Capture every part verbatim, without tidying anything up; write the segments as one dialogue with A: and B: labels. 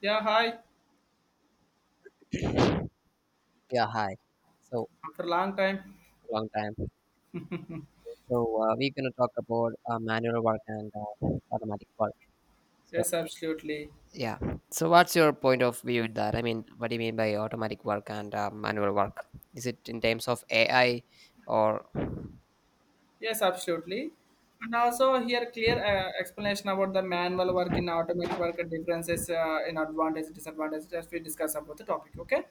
A: Yeah, hi.
B: Yeah, hi. So
A: After a long time.
B: long time. So uh, we're gonna talk about uh, manual work and uh, automatic work. So
A: Yes, absolutely.
B: yeah. So what's your point of view in that? I mean, what do you mean by automatic work and uh, manual work? Is it in terms of A I or
A: Yes, absolutely. And also here clear uh, explanation about the manual work in automatic work and differences uh, in advantage, disadvantage as we discuss about the topic. Okay.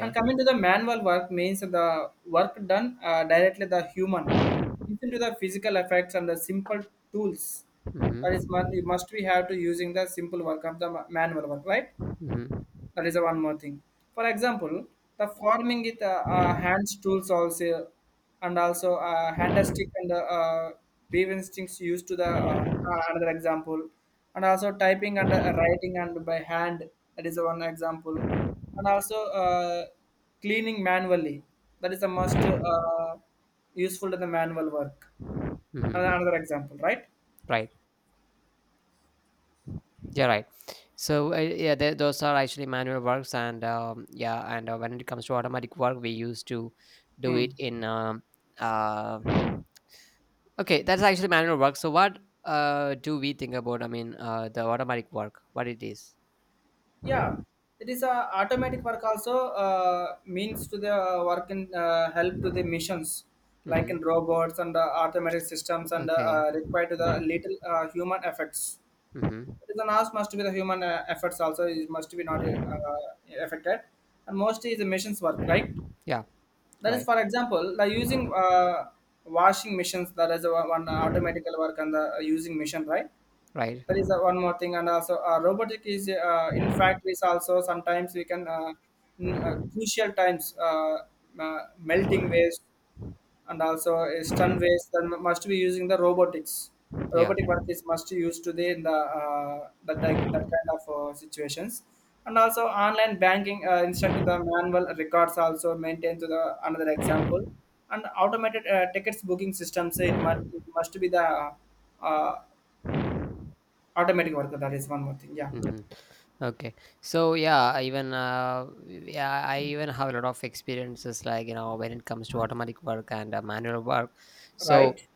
A: And coming to the manual work means the work done uh, directly the human, even to the physical effects and the simple tools.
B: hmm
A: That is, mon- you must we have to using the simple work of the ma- manual work, right?
B: hmm
A: That is the one more thing. For example, the farming with uh, uh, hands tools also, and also uh, hand stick and uh, uh, weaving sticks used to the uh, uh, another example, and also typing and uh, writing and by hand. That is the one example. And also uh, cleaning manually, that is the most uh, useful to the manual work. another
B: hmm
A: another example, right.
B: Right. Yeah. Right. So uh, yeah, th- those are actually manual works, and um, yeah, and uh, when it comes to automatic work, we used to do
A: Mm.
B: it in um uh, okay, that's actually manual work. So what uh do we think about? I mean, uh, the automatic work, what it is.
A: Yeah, it is a automatic work also uh, means to the uh, work and uh, help to the missions like
B: Mm-hmm.
A: in robots and uh, automatic systems and
B: Okay.
A: uh, require to the
B: Mm-hmm.
A: little uh, human efforts.
B: Mm-hmm.
A: It is an ask must be the human uh, efforts also, it must be not uh, affected, and mostly is the missions work, right.
B: Yeah.
A: That is
B: Right.
A: for example the using uh, washing machines, that is the one one automatical work and the uh, using machine, right.
B: Right.
A: That is uh, one more thing. And also uh, robotic is uh, in factories also. Sometimes we can uh, in uh, crucial times uh, uh, melting waste and also uh, stun waste, then must be using the robotics.
B: Yeah.
A: Robotic work is must use today in the uh, that type- that kind of uh, situations. And also online banking uh, instead to the manual records also maintained to the another example. And automated uh, tickets booking systems, it must it must be the uh, automatic worker, that is one more thing. Yeah.
B: Mm-hmm. Okay. So yeah, I even uh, yeah, I even have a lot of experiences, like you know when it comes to automatic work and uh, manual work. So
A: Right?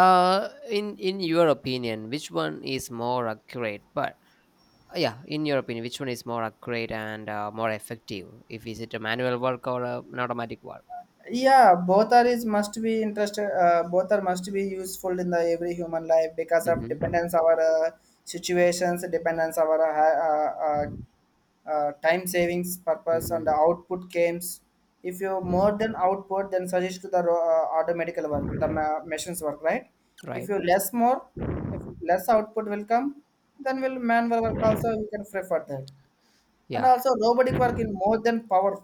B: uh, in in your opinion, which one is more accurate? But Uh, yeah In your opinion, which one is more accurate and uh, more effective, if is it a manual work or a, an automatic work?
A: Yeah, both are is must be interested, uh, both are must be useful in the every human life because of
B: Mm-hmm.
A: dependence our uh, situations, dependence our uh, uh, uh, uh, time savings purpose and
B: Mm-hmm.
A: the output games. If you more than output, then suggest to the ro- uh, automatic work, the ma- machines work, right. If
B: Right.
A: you less more, if less output will come, then will manual work also we can prefer that. And
B: Yeah.
A: also robotic work in more than power,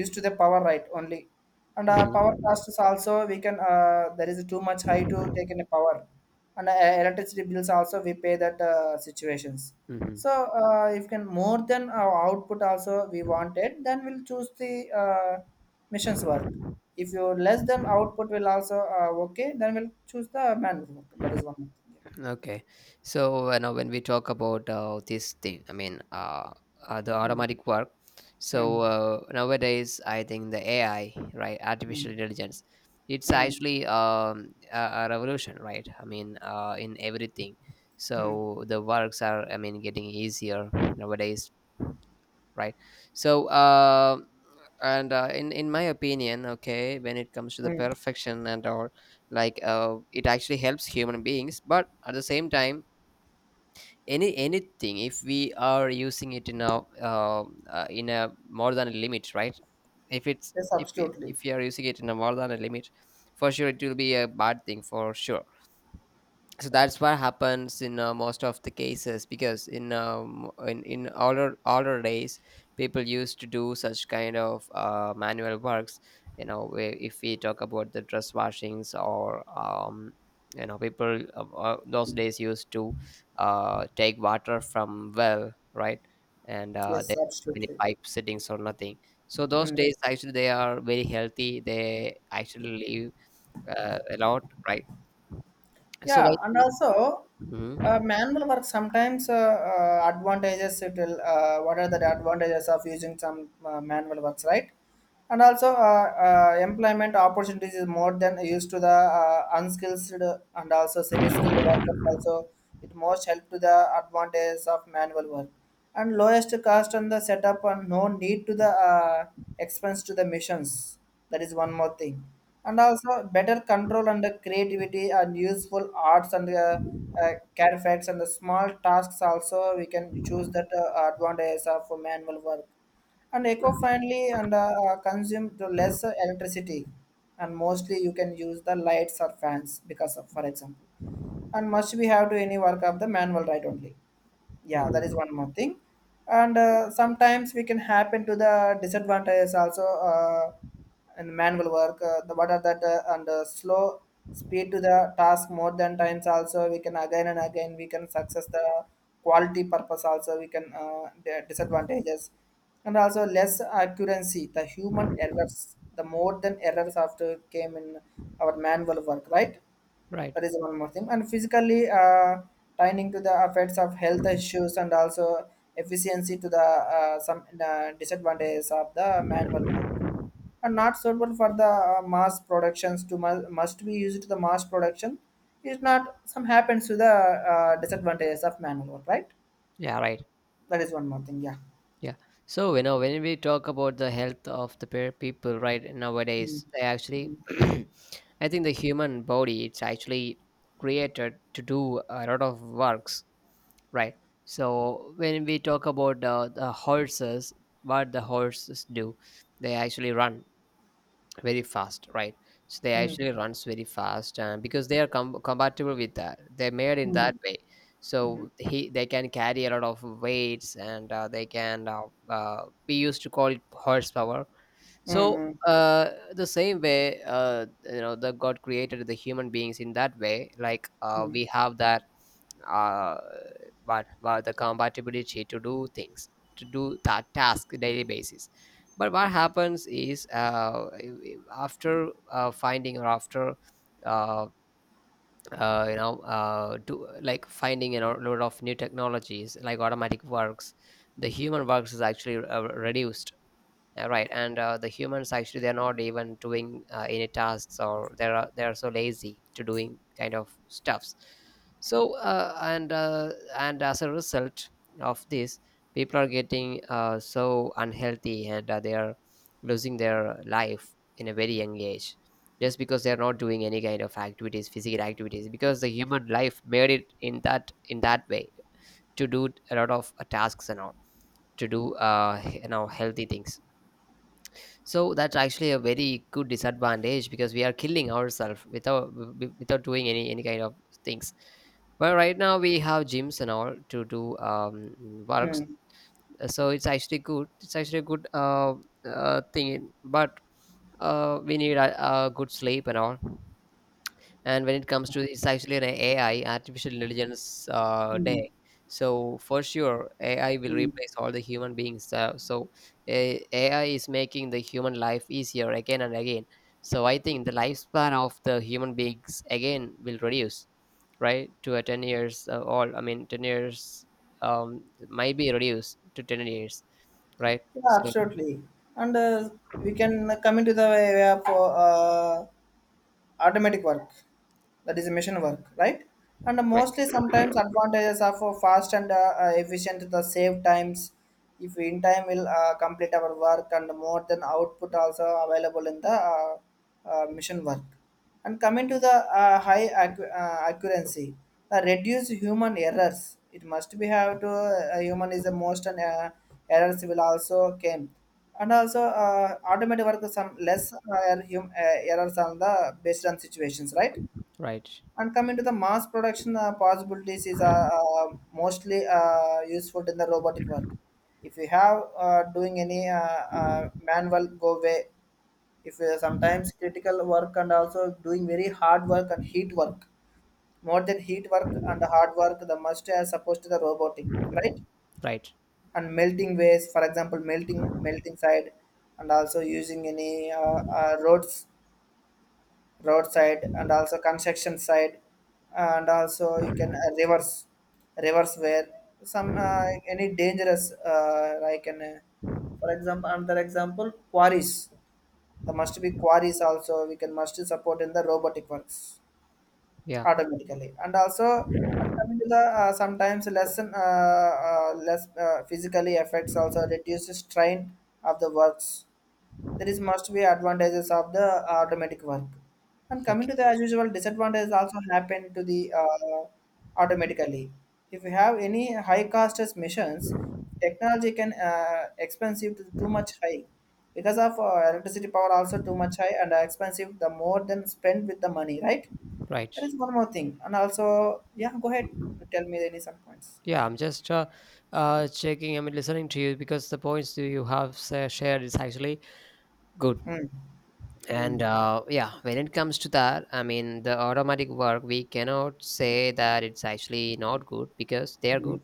A: used to the power, right only. And uh, power
B: Mm-hmm.
A: costs also we can uh, there is too much high to take in the power. And uh, electricity bills also we pay that uh, situations. So uh, if can more than our output also we wanted, then we'll choose the uh, missions work. If you less than
B: Mm-hmm.
A: output will also uh, okay, then we'll choose the manual work. That is one more thing.
B: Okay, so you know when we talk about uh, this thing, I mean uh, uh, the
A: Yeah. Mm,
B: automatic work. So
A: mm,
B: uh, nowadays, I think the A I, right,
A: mm,
B: artificial intelligence, it's
A: mm,
B: actually um, a, a revolution, right? I mean, uh, in everything.
A: mm,
B: So the works are, I mean, getting easier nowadays, right? So uh, and uh, in in my opinion, okay, when it comes to the
A: mm.
B: perfection and all, like uh, it actually helps human beings, but at the same time, any anything, if we are using it in a uh, uh, in a more than a limit, right? if it's
A: Yes,
B: if we,
A: absolutely.
B: if we are using it in a more than a limit, for sure it will be a bad thing, for sure. So that's what happens in uh, most of the cases, because in um, in in older older days, people used to do such kind of uh, manual works, you know. Where if we talk about the dress washings or um, you know, people uh, uh, those days used to uh, take water from well, right? And uh, they
A: Yes,
B: don't have any
A: absolutely.
B: pipe settings or nothing. So those
A: Mm.
B: days actually they are very healthy, they actually live uh, a lot, right? So I
A: Yeah, and
B: think.
A: also uh,
B: Mhm.
A: manual work sometimes uh, uh, advantages, it will uh, what are the advantages of using some uh, manual works, right. And also uh, uh, employment opportunities is more than used to the uh, unskilled and also semi-skilled workers also, it most help to the advantages of manual work. And lowest cost on the setup and no need to the uh, expense to the missions, that is one more thing. And also better control and the creativity and useful arts and uh, uh, care facts and the small tasks also we can choose that uh, advantages of manual work. And eco-friendly and uh, uh, consume to less electricity, and mostly you can use the lights or fans because of for example, and must be have to any work of the manual, right only. Yeah, that is
B: hmm
A: one more thing. And uh, sometimes we can happen to the disadvantages also uh, in manual work uh, the what are that uh, and uh, slow speed to the task, more than times also we can again and again, we can success the quality purpose also we can uh, the disadvantages. And also less accuracy, the human errors, the more than errors after came in our manual work, right.
B: Right.
A: That is one more thing. And physically, uh, tying to the effects of health issues, and also efficiency to the uh, some uh, disadvantages of the manual work. And not suitable for the uh, mass productions, to mu- must be used to the mass production is not, some happens to the uh, disadvantages of manual work, right?
B: Yeah. Right.
A: That is one more thing. Yeah.
B: Yeah. So you know when we talk about the health of the pe- people, right,
A: Mm,
B: nowadays, they actually,
A: mm,
B: I think the human body, it's actually created to do a lot of works, right? So when we talk about uh, the horses, what the horses do, they actually run very fast, right? So they
A: mm,
B: actually runs very fast, and because they are com- compatible with that, they're made in
A: mm,
B: that way.
A: mm,
B: So he they can carry a lot of weights, and uh, they can uh, uh, we used to call it horsepower. So
A: mm,
B: uh, the same way, uh, you know, the god created the human beings in that way, like uh,
A: mm,
B: we have that uh, but, but the compatibility to do things, to do that task daily basis. But what happens is uh, after uh, finding or after uh, uh, you know, uh, do like finding a lot lot of new technologies like automatic works, the human works is actually uh, reduced, uh, right. And uh, the humans actually, they're not even doing uh, any tasks, or they're uh, they're so lazy to doing kind of stuffs. So uh, and uh, and as a result of this, people are getting uh, so unhealthy and uh, they are losing their life in a very young age, just because they're not doing any kind of activities, physical activities, because the human life made it in that in that way, to do a lot of uh, tasks and all, to do uh, you know, healthy things. So that's actually a very good disadvantage, because we are killing ourselves without wi- without doing any any kind of things. But right now we have gyms and all to do um, works.
A: mm,
B: Uh, so it's actually good. It's actually a good uh, uh, thing, but uh, we need a, a good sleep and all. And when it comes to, it's actually an A I, artificial intelligence uh,
A: mm,
B: day. So for sure, A I will
A: mm.
B: replace all the human beings. Uh, so a- AI is making the human life easier again and again. So I think the lifespan of the human beings again will reduce, right? To a ten years uh, all. I mean, ten years um might be reduced to ten years, right?
A: Yeah,
B: So
A: absolutely. And uh, we can come into the way of uh, automatic work, that is mission work, right. And
B: right,
A: mostly sometimes advantages are for fast and uh, uh, efficient, the save times. If we in time will uh, complete our work, and more than output also available in the uh, uh, mission work. And coming to the uh, high accu- uh, accuracy, the reduce human errors, it must be have to uh, human is the most, and uh, errors will also came. And also uh, automated work some less uh, hum, uh, errors on the based on situations, right.
B: right,
A: And coming to the mass production uh, possibilities is uh, uh, mostly uh, useful in the robotic work. If you have uh, doing any uh, uh, manual go way, if you sometimes critical work and also doing very hard work and heat work, more than heat work and hard work, the must are supposed to the robotic, right?
B: right.
A: And melting ways, for example, melting melting side, and also using any uh, uh, roads roadside and also construction side. And also you can uh, reverse reverse where some uh, any dangerous uh, like an uh, for example another example quarries, there must be quarries also we can must support in the robotic works
B: Yeah.
A: automatically. And also and coming to the uh, sometimes lesson uh, uh, less uh, physically effects also reduces strain of the works, there is must be advantages of the uh, automatic work. And coming
B: Okay.
A: to the as usual disadvantages also happen to the uh, automatically. If you have any high cost as missions, technology can uh, expensive to too much high, because of uh, electricity power also too much high and expensive, the more than spend with the money, right.
B: Right.
A: There is one more thing, and also yeah go ahead, tell me any some points.
B: Yeah, I'm just uh, uh, checking. I mean, listening to you, because the points that you have sa- shared is actually good.
A: Mm,
B: And
A: mm,
B: uh, yeah, when it comes to that, I mean, the automatic work, we cannot say that it's actually not good, because they are good.
A: mm,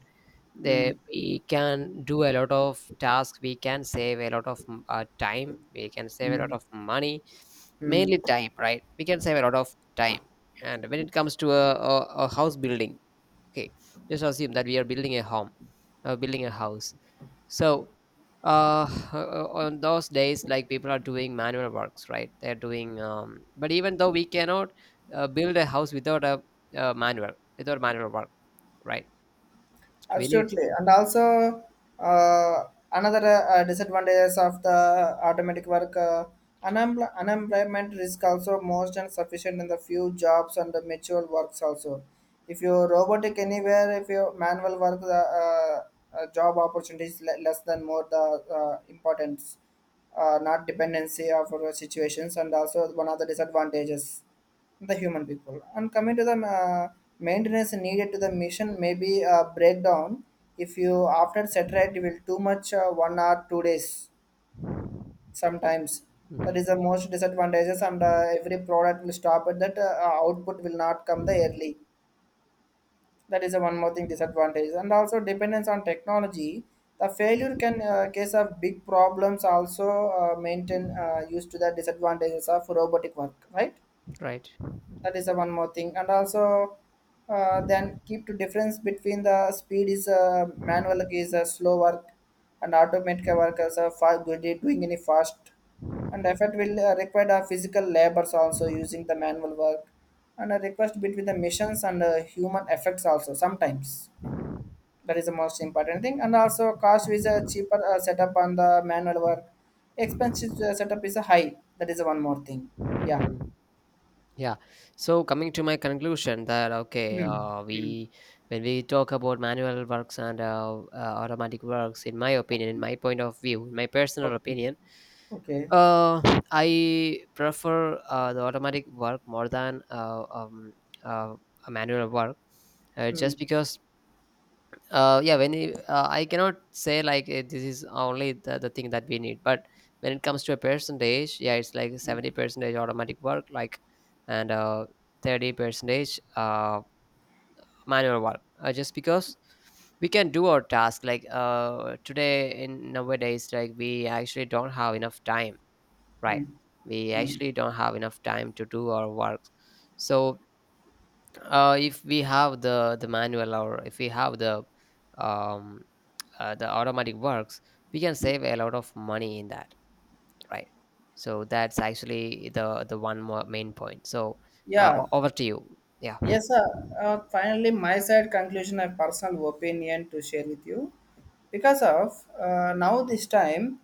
B: They,
A: mm,
B: we can do a lot of tasks. We can save a lot of mm, uh, time. We can save a lot
A: mm,
B: of money, mainly
A: mm.
B: time, right? We can save a lot of time. And when it comes to a, a, a house building, okay, just assume that we are building a home, uh, building a house. So uh, on those days, like people are doing manual works, right, they're doing um, but even though, we cannot uh, build a house without a uh, manual without manual work, right? We need.
A: Absolutely. And also, uh, another uh, disadvantages of the automatic work, uh, unempl- unemployment risk also most and sufficient in the few jobs and the mature works also. If you robotic anywhere, if you manual work, the uh, uh, job opportunities le- less than more the uh, importance, uh, not dependency of our situations, and also one of the disadvantages the human people. And coming to the uh, maintenance needed to the mission, may be a breakdown if you after satellite, you will too much uh, one or two days sometimes, that
B: Mhm.
A: is the most disadvantages. And uh, every product will stop at that uh, output will not come the early, that is the one more thing disadvantage. And also dependence on technology, the failure can uh, case of big problems also uh, maintain uh, used to the disadvantages of robotic work, right.
B: Right.
A: That is the one more thing. And also uh, then keep the difference between the speed is, uh, manual is a slow work and automatic work as a fast, good at doing any fast. And effort will uh, require the physical labors also using the manual work, and a request between the missions and uh, human effects also sometimes, that is the most important thing. And also cost is a cheaper uh, setup on the manual work, expensive uh, setup is a high, that is the one more thing. Yeah.
B: Mhm. Yeah. So coming to my conclusion, that okay,
A: Hmm.
B: uh,
A: Hmm.
B: we, when we talk about manual works and uh, uh, automatic works, in my opinion, in my point of view, in my personal
A: Okay.
B: opinion,
A: Okay.
B: uh, I prefer uh, the automatic work more than uh, um, uh, a manual work, uh,
A: Hmm.
B: just because, uh yeah when you- uh, I cannot say like eh, this is only the, the thing that we need. But when it comes to a percentage, yeah, it's like
A: Hmm.
B: seventy percentage automatic work, like, and uh thirty percentage uh manual work, uh, just because we can do our task, like uh today in nowadays, like we actually don't have enough time, right?
A: Hmm.
B: We
A: Hmm.
B: actually don't have enough time to do our work. So uh if we have the the manual, or if we have the um uh, the automatic works, we can save a lot of money in that, right? So that's actually the the one more main point. So uh, o-
A: Yeah.
B: over to you. Yeah,
A: Yes, sir. Uh, finally, my side conclusion and personal opinion to share with you. Because of uh, now this time,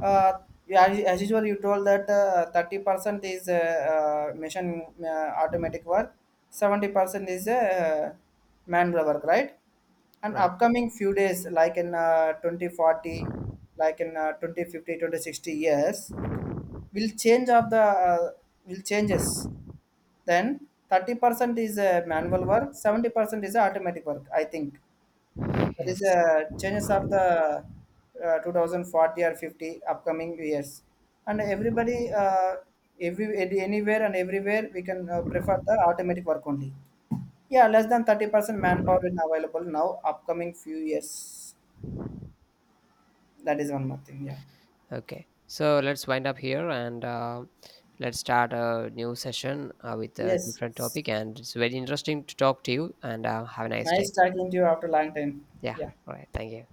A: uh, yeah, as as usual, you told that uh, thirty percent is uh, uh, machine uh, automatic work, seventy percent is uh, manual work, right? And
B: right,
A: upcoming few days like in uh, twenty forty, like in uh, twenty fifty twenty sixty years, will change of the uh, will changes, then thirty percent is uh, manual work, seventy percent is automatic work, I think. That is
B: yes.
A: uh, changes of the uh, twenty forty or fifty upcoming years. And everybody uh, every anywhere and everywhere we can uh, prefer the automatic work only. Yeah, less than thirty percent manpower is available now upcoming few years, that is one more thing. Yeah.
B: Okay, so let's wind up here, and uh, let's start a new session uh, with a
A: Yes.
B: different topic, and it's very interesting to talk to you, and uh, have a nice day.
A: Nice talking to you after long time.
B: Yeah,
A: Yeah.
B: all right, thank you.